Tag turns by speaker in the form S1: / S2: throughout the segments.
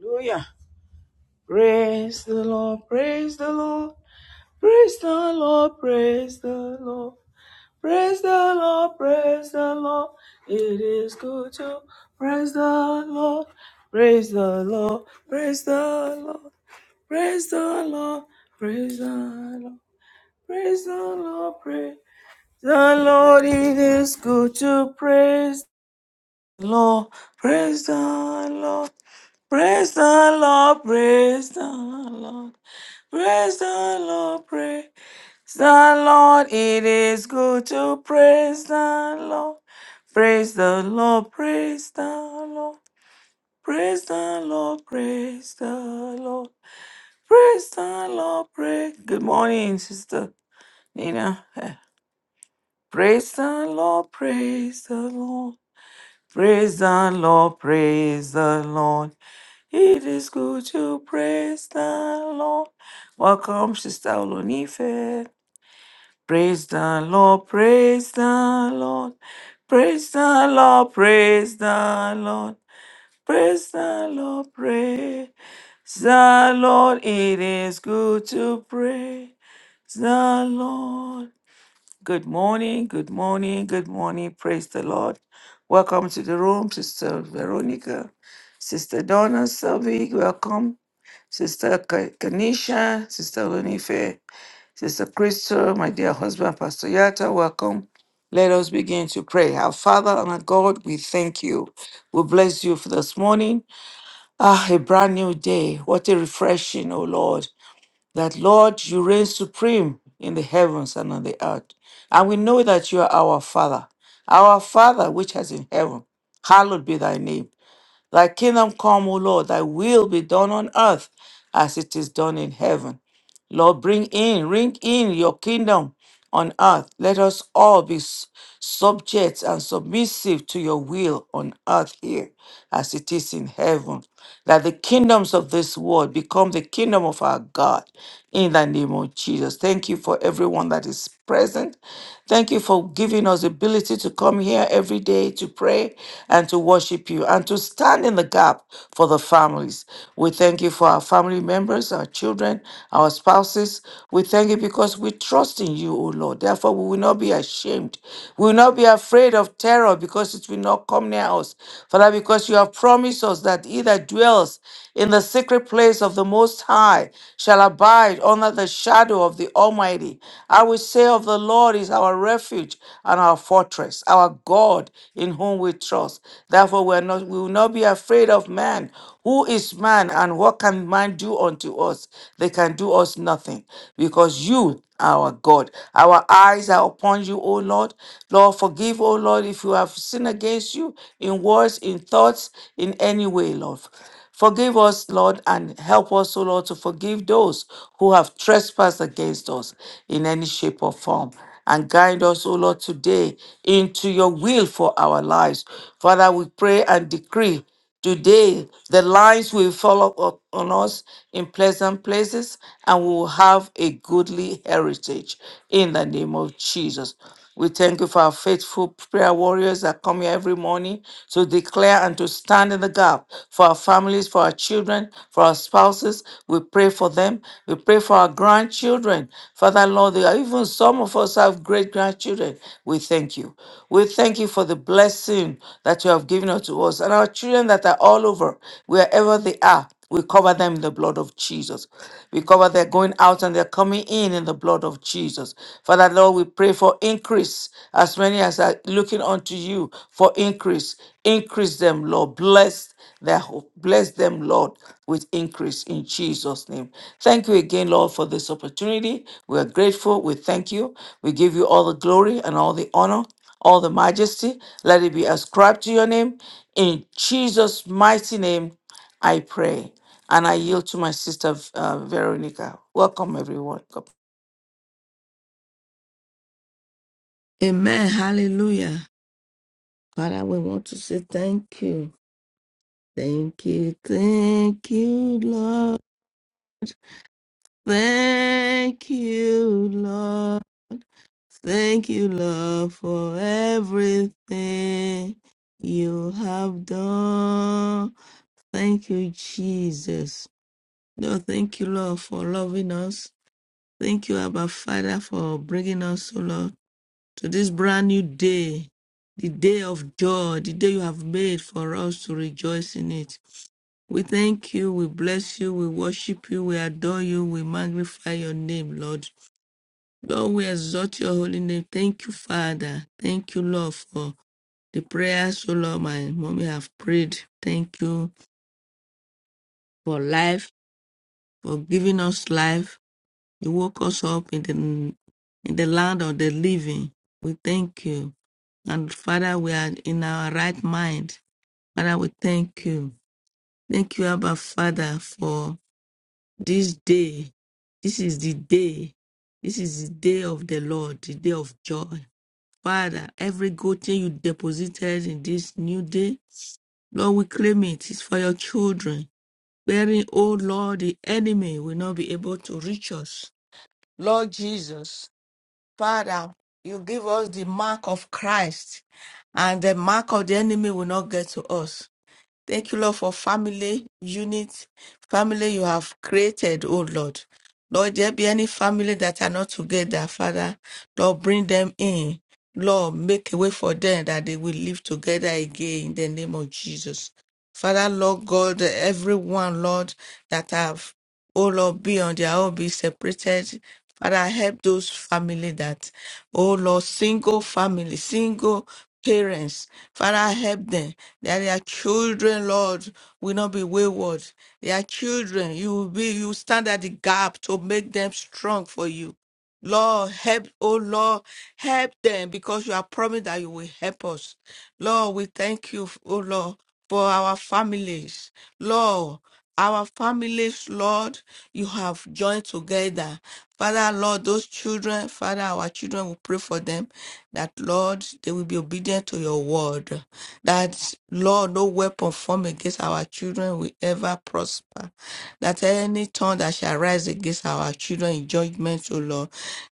S1: Hallelujah. Praise the Lord, praise the Lord, praise the Lord, praise the Lord, praise the Lord, praise the Lord. It is good to praise the Lord, praise the Lord, praise the Lord, praise the Lord, praise the Lord, praise the Lord, praise the Lord. It is good to praise the Lord, praise the Lord, praise the Lord, praise the Lord. Praise the Lord, praise the Lord. It is good to praise the Lord. Praise the Lord, praise the Lord. Praise the Lord, praise the Lord. Praise the Lord, praise. Good morning, Sister Nina. Eh, Praise the Lord, praise the Lord. Praise the Lord, praise the Lord. It is good to praise the Lord. Welcome, Sister Olonife. Praise the Lord, praise the Lord, praise the Lord, praise the Lord, praise the Lord, praise the Lord. It is good to praise the Lord. Good morning, good morning, good morning. Praise the Lord. Welcome to the room, Sister Veronica, Sister Donna Selvig. Welcome, Sister Ka- Kanisha, Sister Lunife. Sister Crystal, my dear husband, Pastor Yata, welcome. Let us begin to pray. Our Father and our God, we thank you. We bless you for this morning. Ah, a brand new day. What a refreshing, O Lord. That, Lord, you reign supreme in the heavens and on the earth. And we know that you are our Father, our Father which is in heaven. Hallowed be thy name. Thy kingdom come, O Lord, thy will be done on earth as it is done in heaven. Lord, bring in, bring in your kingdom on earth. Let us all be s- subject and submissive to your will on earth here as it is in heaven that the kingdoms of this world become the kingdom of our God in the name of Jesus. Thank you for everyone that is present. Thank you for giving us the ability to come here every day to pray and to worship you and to stand in the gap for the families. We thank you for our family members, our children, our spouses. We thank you because we trust in you, O Lord. Therefore, we will not be ashamed. We will not be afraid of terror because it will not come near us. Father, because because you have promised us that he that dwells in the secret place of the Most High shall abide under the shadow of the Almighty. I will say of the Lord is our refuge and our fortress, our God in whom we trust. Therefore, we, are not, we will not be afraid of man who is man and what can man do unto us? They can do us nothing because you, our God, our eyes are upon you, O Lord. Lord, forgive, O Lord, if you have sinned against you in words, in thoughts, in any way, Lord. Forgive us, Lord, and help us, O Lord, to forgive those who have trespassed against us in any shape or form and guide us, O Lord, today into your will for our lives. Father, we pray and decree today the lines will follow up on us in pleasant places and we will have a goodly heritage in the name of Jesus. We thank you for our faithful prayer warriors that come here every morning to declare and to stand in the gap for our families, for our children, for our spouses. We pray for them. We pray for our grandchildren. Father, Lord, there are even some of us have great grandchildren. We thank you. We thank you for the blessing that you have given unto us and our children that are all over, wherever they are. We cover them in the blood of Jesus. We cover their going out and their coming in in the blood of Jesus. Father, Lord, we pray for increase as many as are looking unto you for increase. Increase them, Lord. Bless their hope. Bless them, Lord, with increase in Jesus' name. Thank you again, Lord, for this opportunity. We are grateful. We thank you. We give you all the glory and all the honor all the majesty. Let it be ascribed to your name. In Jesus' mighty name, I pray. And I yield to my sister uh, Veronica. Welcome, everyone. God
S2: Amen. Hallelujah. Father, we want to say thank you. Thank you. Thank you, Lord. Thank you, Lord. Thank you, Lord, for everything you have done. Thank you, Jesus. Lord, thank you, Lord, for loving us. Thank you, Abba Father, for bringing us, O Lord. to this brand new day, the day of joy, the day you have made for us to rejoice in it. We thank you, we bless you, we worship you, we adore you, we magnify your name, Lord. Lord, we exalt your holy name. Thank you, Father. Thank you, Lord, for the prayers, oh Lord, my mommy have prayed. Thank you for life, for giving us life. You woke us up in the in the land of the living. We thank you. And Father, we are in our right mind. Father, we thank you. Thank you, Abba Father, for this day. This is the day. This is the day of the Lord, the day of joy. Father, every good thing you deposited in this new day, Lord, we claim it. It's for your children. Wherein, oh Lord, the enemy will not be able to reach us. Lord Jesus, Father, you give us the mark of Christ, and the mark of the enemy will not get to us. Thank you, Lord, for family unit, family you have created, oh Lord. Lord, there be any family that are not together, Father. Lord, bring them in. Lord, make a way for them that they will live together again in the name of Jesus. Father, Lord God, everyone, Lord, that have oh Lord, be on their own, be separated. Father, help those family that, oh Lord, single family, single parents. Father, help them that their children, Lord, will not be wayward. Their children, you will be, you stand at the gap to make them strong for you. Lord, help, oh Lord, help them because you are promised that you will help us. Lord, we thank you, oh Lord, for our families. Lord, our families, Lord, you have joined together. Father, Lord, those children, Father, our children we pray for them that, Lord, they will be obedient to your word. That, Lord, no weapon formed against our children children will ever prosper. That any tongue that shall rise against our children in judgment, O Lord,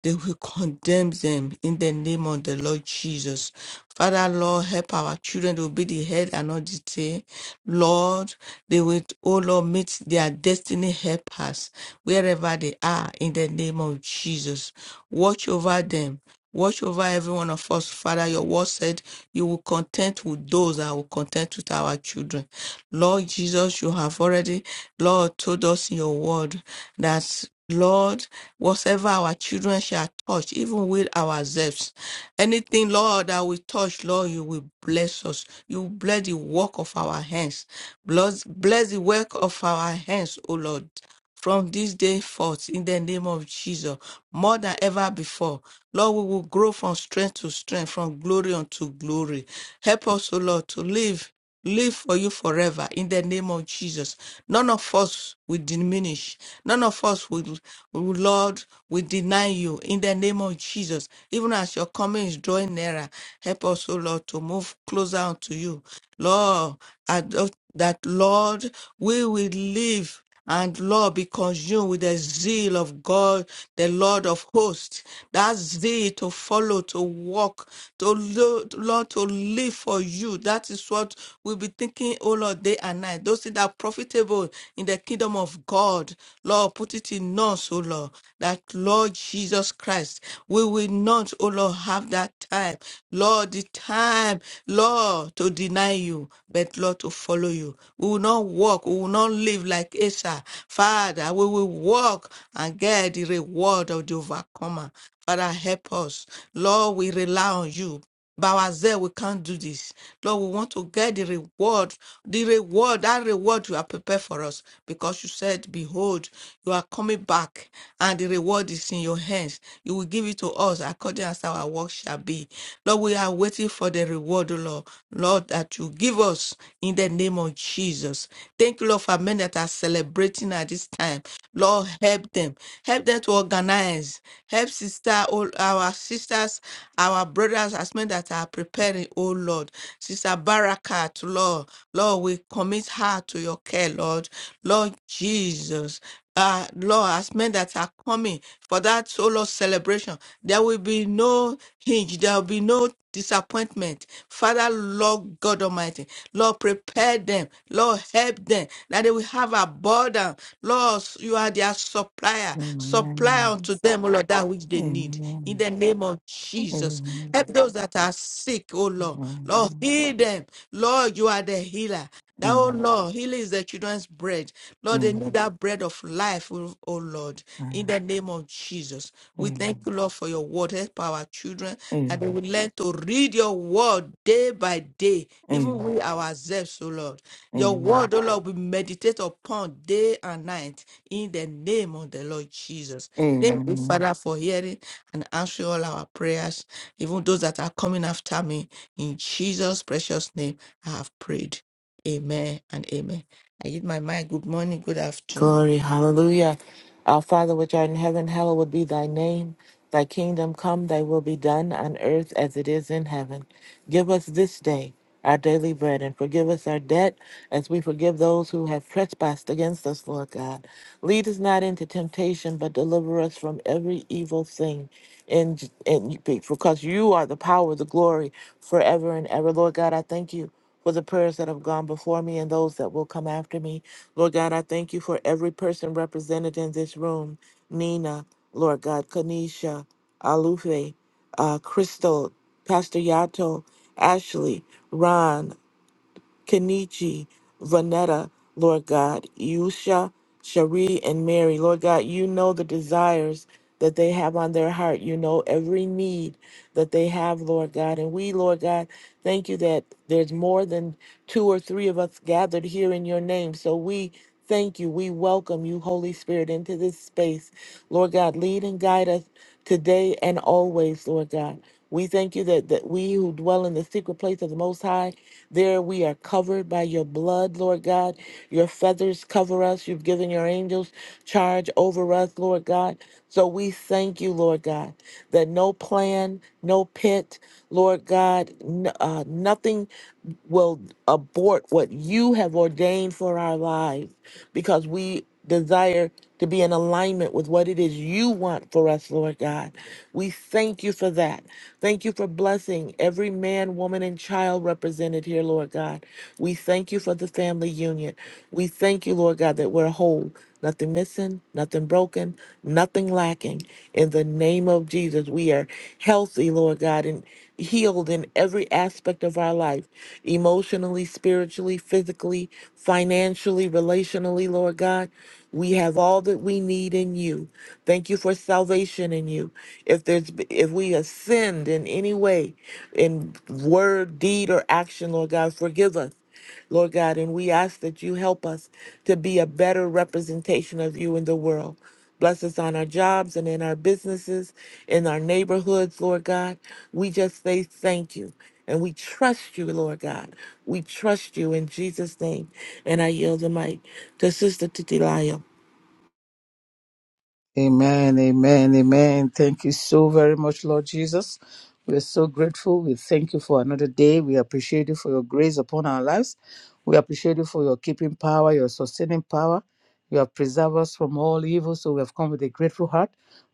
S2: they will condemn them in the name of the Lord Jesus. Father, Lord, help our children to be the head and not the tail. Lord, they will, O Lord, meet their destiny helpers wherever they are in the name of Jesus. Watch over them. Watch over every one of us, Father. Your word said you will content with those that will content with our children. Lord Jesus, you have already, Lord, told us in your word that, Lord, whatever our children shall touch, even with ourselves, anything, Lord, that we touch, Lord, you will bless us. You will bless the work of our hands. Bless, bless the work of our hands, O Lord from this day forth in the name of Jesus, more than ever before. Lord, we will grow from strength to strength, from glory unto glory. Help us, O Lord, to live, live for you forever in the name of Jesus. None of us will diminish. None of us will, will, Lord, will deny you in the name of Jesus. Even as your coming is drawing nearer, help us, O Lord, to move closer unto you. Lord, I- that Lord, we will live and Lord, be consumed with the zeal of God, the Lord of hosts. That zeal to follow, to walk, to lo- to- Lord, to live for you. That is what we'll be thinking, oh Lord, day and night. Those things that are profitable in the kingdom of God. Lord, put it in us, oh Lord, that Lord Jesus Christ, we will not, oh Lord, have that time. Lord, the time, Lord, to deny you, but Lord, to follow you. We will not walk, we will not live live like Asa. Father, we will walk and get the reward of the overcomer. Father, help us. Lord, we rely on you. By ourselves, we can't do this. Lord, we want to get the reward, the reward, that reward you have prepared for us. Because you said, Behold, you are coming back, and the reward is in your hands. You will give it to us according as our work shall be. Lord, we are waiting for the reward, O Lord. Lord, that you give us in the name of Jesus. Thank you. Thank you, Lord, for men that are celebrating at this time. Lord, help them. Help them to organize. Help sister, all our sisters, our brothers, as men that are preparing, oh Lord. Sister Barakat, Lord. Lord, we commit her to your care, Lord. Lord Jesus. Uh, Lord, as men that are coming for that solo celebration, there will be no hinge, there will be no disappointment. Father, Lord God Almighty, Lord, prepare them. Lord, help them that they will have abundance. Lord, you are their supplier. Supply
S1: Amen.
S2: unto them, O Lord, that which they need. In
S1: Amen.
S2: the name of Jesus. Help
S1: Amen.
S2: those that are sick, O Lord.
S1: Amen.
S2: Lord, heal them. Lord, you are the healer. That, oh
S1: Amen.
S2: Lord, healing is the children's bread. Lord, they need
S1: Amen.
S2: that bread of life, oh oh Lord, in the name of Jesus. We thank
S1: Amen.
S2: you, Lord, for your word. Help our children that they
S1: Amen.
S2: will learn to read your word day by day, even we ourselves, oh Lord. Your
S1: Amen.
S2: word, oh Lord, we meditate upon day and night in the name of the Lord Jesus. Thank you,
S1: Amen.
S2: Father, for hearing and answering all our prayers, even those that are coming after me. In Jesus' precious name, I have prayed. Amen and amen. I give my mind. Good morning, good afternoon.
S3: Glory, hallelujah. Our Father which art in heaven, hallowed be thy name. Thy kingdom come, thy will be done on earth as it is in heaven. Give us this day our daily bread and forgive us our debt as we forgive those who have trespassed against us, Lord God. Lead us not into temptation, but deliver us from every evil thing. In, in, because you are the power, the glory, forever and ever. Lord God, I thank you for the prayers that have gone before me and those that will come after me. Lord God, I thank you for every person represented in this room Nina, Lord God, Kanisha, Alufe, uh, Crystal, Pastor Yato, Ashley, Ron, Kenichi, Vanetta, Lord God, Yusha, Cherie, and Mary. Lord God, you know the desires that they have on their heart. You know every need that they have, Lord God. And we, Lord God, thank you that there's more than two or three of us gathered here in your name. So we thank you. We welcome you, Holy Spirit, into this space. Lord God, lead and guide us today and always, Lord God. We thank you that, that we who dwell in the secret place of the Most High there we are covered by your blood, Lord God. Your feathers cover us. You've given your angels charge over us, Lord God. So we thank you, Lord God, that no plan, no pit, Lord God, n- uh, nothing will abort what you have ordained for our lives because we desire to be in alignment with what it is you want for us, Lord God. We thank you for that. Thank you for blessing every man, woman, and child represented here, Lord God. We thank you for the family union. We thank you, Lord God, that we're whole, nothing missing, nothing broken, nothing lacking. In the name of Jesus, we are healthy, Lord God, and healed in every aspect of our life emotionally, spiritually, physically, financially, relationally, Lord God. We have all that we need in you. Thank you for salvation in you. If there's if we have sinned in any way, in word, deed, or action, Lord God, forgive us. Lord God, and we ask that you help us to be a better representation of you in the world. Bless us on our jobs and in our businesses, in our neighborhoods, Lord God. We just say thank you and we trust you, Lord God. We trust you in Jesus' name. And I yield the mic to Sister Titilayo.
S4: Amen, amen, amen. Thank you so very much, Lord Jesus. We're so grateful. We thank you for another day. We appreciate you for your grace upon our lives. We appreciate you for your keeping power, your sustaining power. You have preserved us from all evil. So we have come with a grateful heart.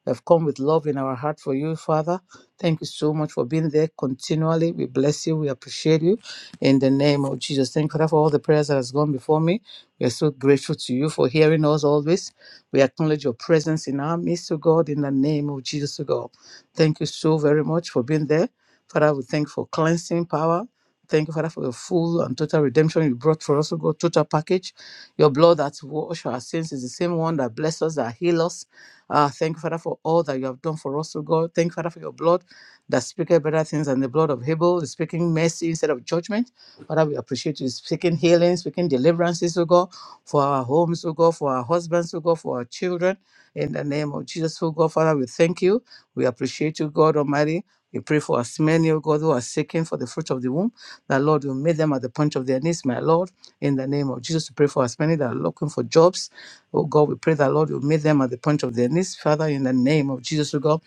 S4: We have come with love in our heart for you, Father. Thank you so much for being there continually. We bless you. We appreciate you. In the name of Jesus. Thank you Father, for all the prayers that has gone before me. We are so grateful to you for hearing us always we acknowledge your presence in our midst, O God, in the name of Jesus, O God. Thank you so very much for being there. Father, we thank you for cleansing power. Thank you, Father, for your full and total redemption you brought for us, O God, total package. Your blood that washed our sins is the same one that bless us, that heal us. Uh, thank you, Father, for all that you have done for us, O God. Thank you, Father, for your blood that speaketh better things than the blood of Abel, is speaking mercy instead of judgment. Father, we appreciate you speaking healing, speaking deliverances, O God for our homes, oh God, for our husbands, oh God, for our children. In the name of Jesus, oh God, Father, we thank you. We appreciate you, God Almighty. We pray for as many, oh God, who are seeking for the fruit of the womb, that Lord will meet them at the point of their needs, my Lord. In the name of Jesus, we pray for as many that are looking for jobs. Oh God, we pray that Lord will meet them at the point of their needs. Father, in the name of Jesus, oh God,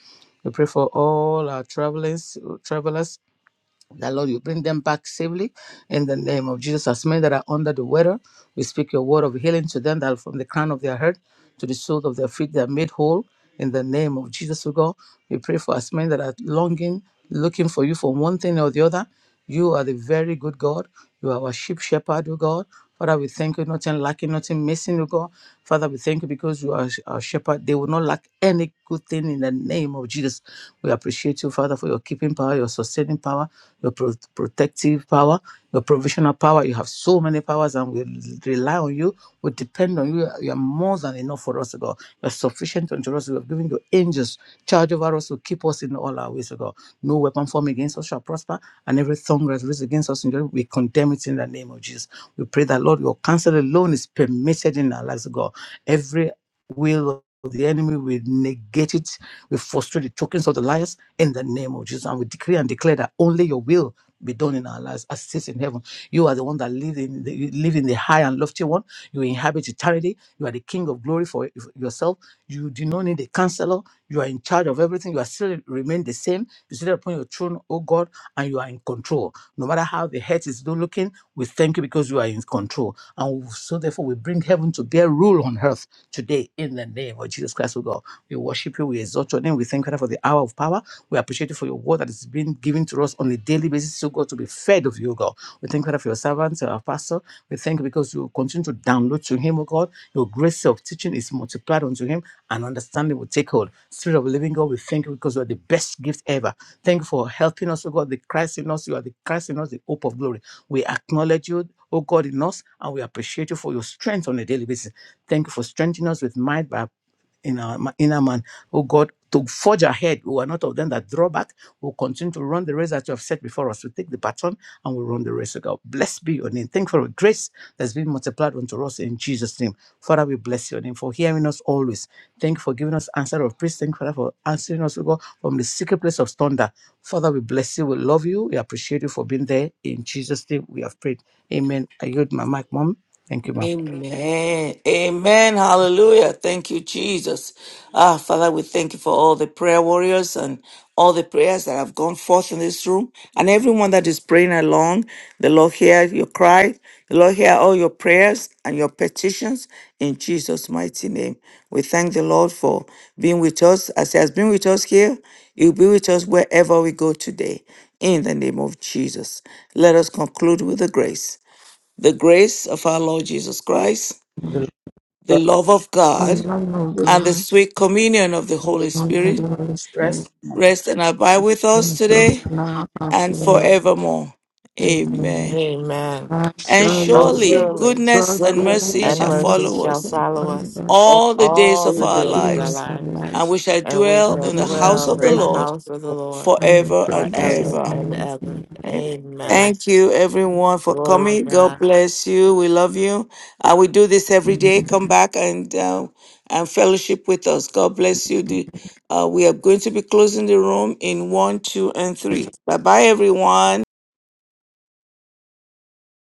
S4: we pray for all our travelers, travelers that Lord, you bring them back safely in the name of Jesus. As many that are under the weather, we speak your word of healing to them that from the crown of their head to the soles of their feet, they are made whole in the name of Jesus, O God. We pray for as many that are longing, looking for you for one thing or the other. You are the very good God. You are our sheep shepherd, O God. Father, we thank you, nothing lacking, nothing missing, O God. Father, we thank you because you are our shepherd. They will not lack any good thing in the name of Jesus. We appreciate you, Father, for your keeping power, your sustaining power your pro- protective power, your provisional power. You have so many powers, and we rely on you. We depend on you. You are more than enough for us, O God. You are sufficient unto us. We have given your angels charge over us to keep us in all our ways, O God. No weapon formed against us shall prosper, and every tongue that rises against us in judgment, we condemn it in the name of Jesus. We pray that, Lord, your counsel alone is permitted in our lives, O God. Every will of the enemy, we negate it. We frustrate the tokens of the liars in the name of Jesus. And we decree and declare that only your will be done in our lives as it is in heaven. You are the one that live in the, you live in the high and lofty one. You inhabit eternity. You are the king of glory for yourself. You do not need a counselor. You are in charge of everything. You are still remain the same. You sit upon your throne, oh God, and you are in control. No matter how the head is looking, we thank you because you are in control. And so therefore we bring heaven to bear rule on earth today in the name of Jesus Christ, oh God. We worship you. We exalt your name. We thank you for the hour of power. We appreciate you for your word that is being given to us on a daily basis, so God, to be fed of you, God. We thank you for your servant, our pastor. We thank you because you continue to download to him, O God. Your grace of teaching is multiplied unto him and understanding will take hold. Spirit of the living God, we thank you because you are the best gift ever. Thank you for helping us, O God, the Christ in us. You are the Christ in us, the hope of glory. We acknowledge you, O God, in us, and we appreciate you for your strength on a daily basis. Thank you for strengthening us with might by in our ma- inner man. Oh God, to forge ahead. We are not of them that draw back. We'll continue to run the race that you have set before us. We take the baton and we'll run the race, oh God. Blessed be your name. Thank you for the grace that's been multiplied unto us in Jesus' name. Father, we bless your name for hearing us always. Thank you for giving us answer of praise. Thank you, Father, for answering us, oh God, from the secret place of thunder. Father, we bless you. We love you. We appreciate you for being there. In Jesus' name, we have prayed. Amen. I yield my mic, Mom. Thank you, Mom.
S1: Amen. Amen. Hallelujah. Thank you, Jesus. Ah, Father, we thank you for all the prayer warriors and all the prayers that have gone forth in this room and everyone that is praying along. The Lord hear your cry. The Lord hear all your prayers and your petitions in Jesus' mighty name. We thank the Lord for being with us. As He has been with us here, He will be with us wherever we go today. In the name of Jesus. Let us conclude with the grace. The grace of our Lord Jesus Christ,
S4: The
S1: the
S4: Lord
S1: love of God,
S2: One love of
S1: and the
S2: God,
S1: sweet communion of the Holy
S2: one love
S1: Spirit
S2: of the Holy Spirit,
S4: rest.
S1: rest and abide with us
S2: one first
S1: today
S2: now and
S1: and
S2: forever.
S1: forevermore.
S2: Amen.
S1: Amen.
S3: Amen.
S2: I
S1: And
S3: And
S2: surely
S1: surely
S3: surely
S1: goodness
S2: God's
S1: and
S3: goodness
S1: mercy
S2: goodness
S3: and
S1: shall
S2: and
S3: mercy
S2: mercy
S1: follow
S3: shall
S1: us
S2: and
S3: follow us
S2: kindness
S1: all the days
S3: all
S1: of
S3: the
S1: our
S2: be
S3: days of our
S2: with
S1: lives,
S2: our
S3: lives,
S1: and
S2: lives
S1: we shall
S3: and we
S1: dwell
S2: and
S3: shall
S1: in the
S2: glory in
S1: house
S3: dwell
S1: of
S2: Jesus'
S1: the
S3: in the
S2: name
S1: Lord
S3: house of the Lord
S2: and the
S1: forever and
S2: presence of
S3: forever
S1: ever.
S3: and
S2: the
S3: ever.
S1: Amen.
S3: Amen.
S1: Thank you, everyone, for
S3: Glory to
S1: coming. God
S3: God.
S1: bless you. We love you. Uh, we do this every
S2: Lord.
S1: day. Come back and uh, and fellowship with us. God bless you. The- uh, we are going to be closing the room in one, two, and three. Bye bye, everyone.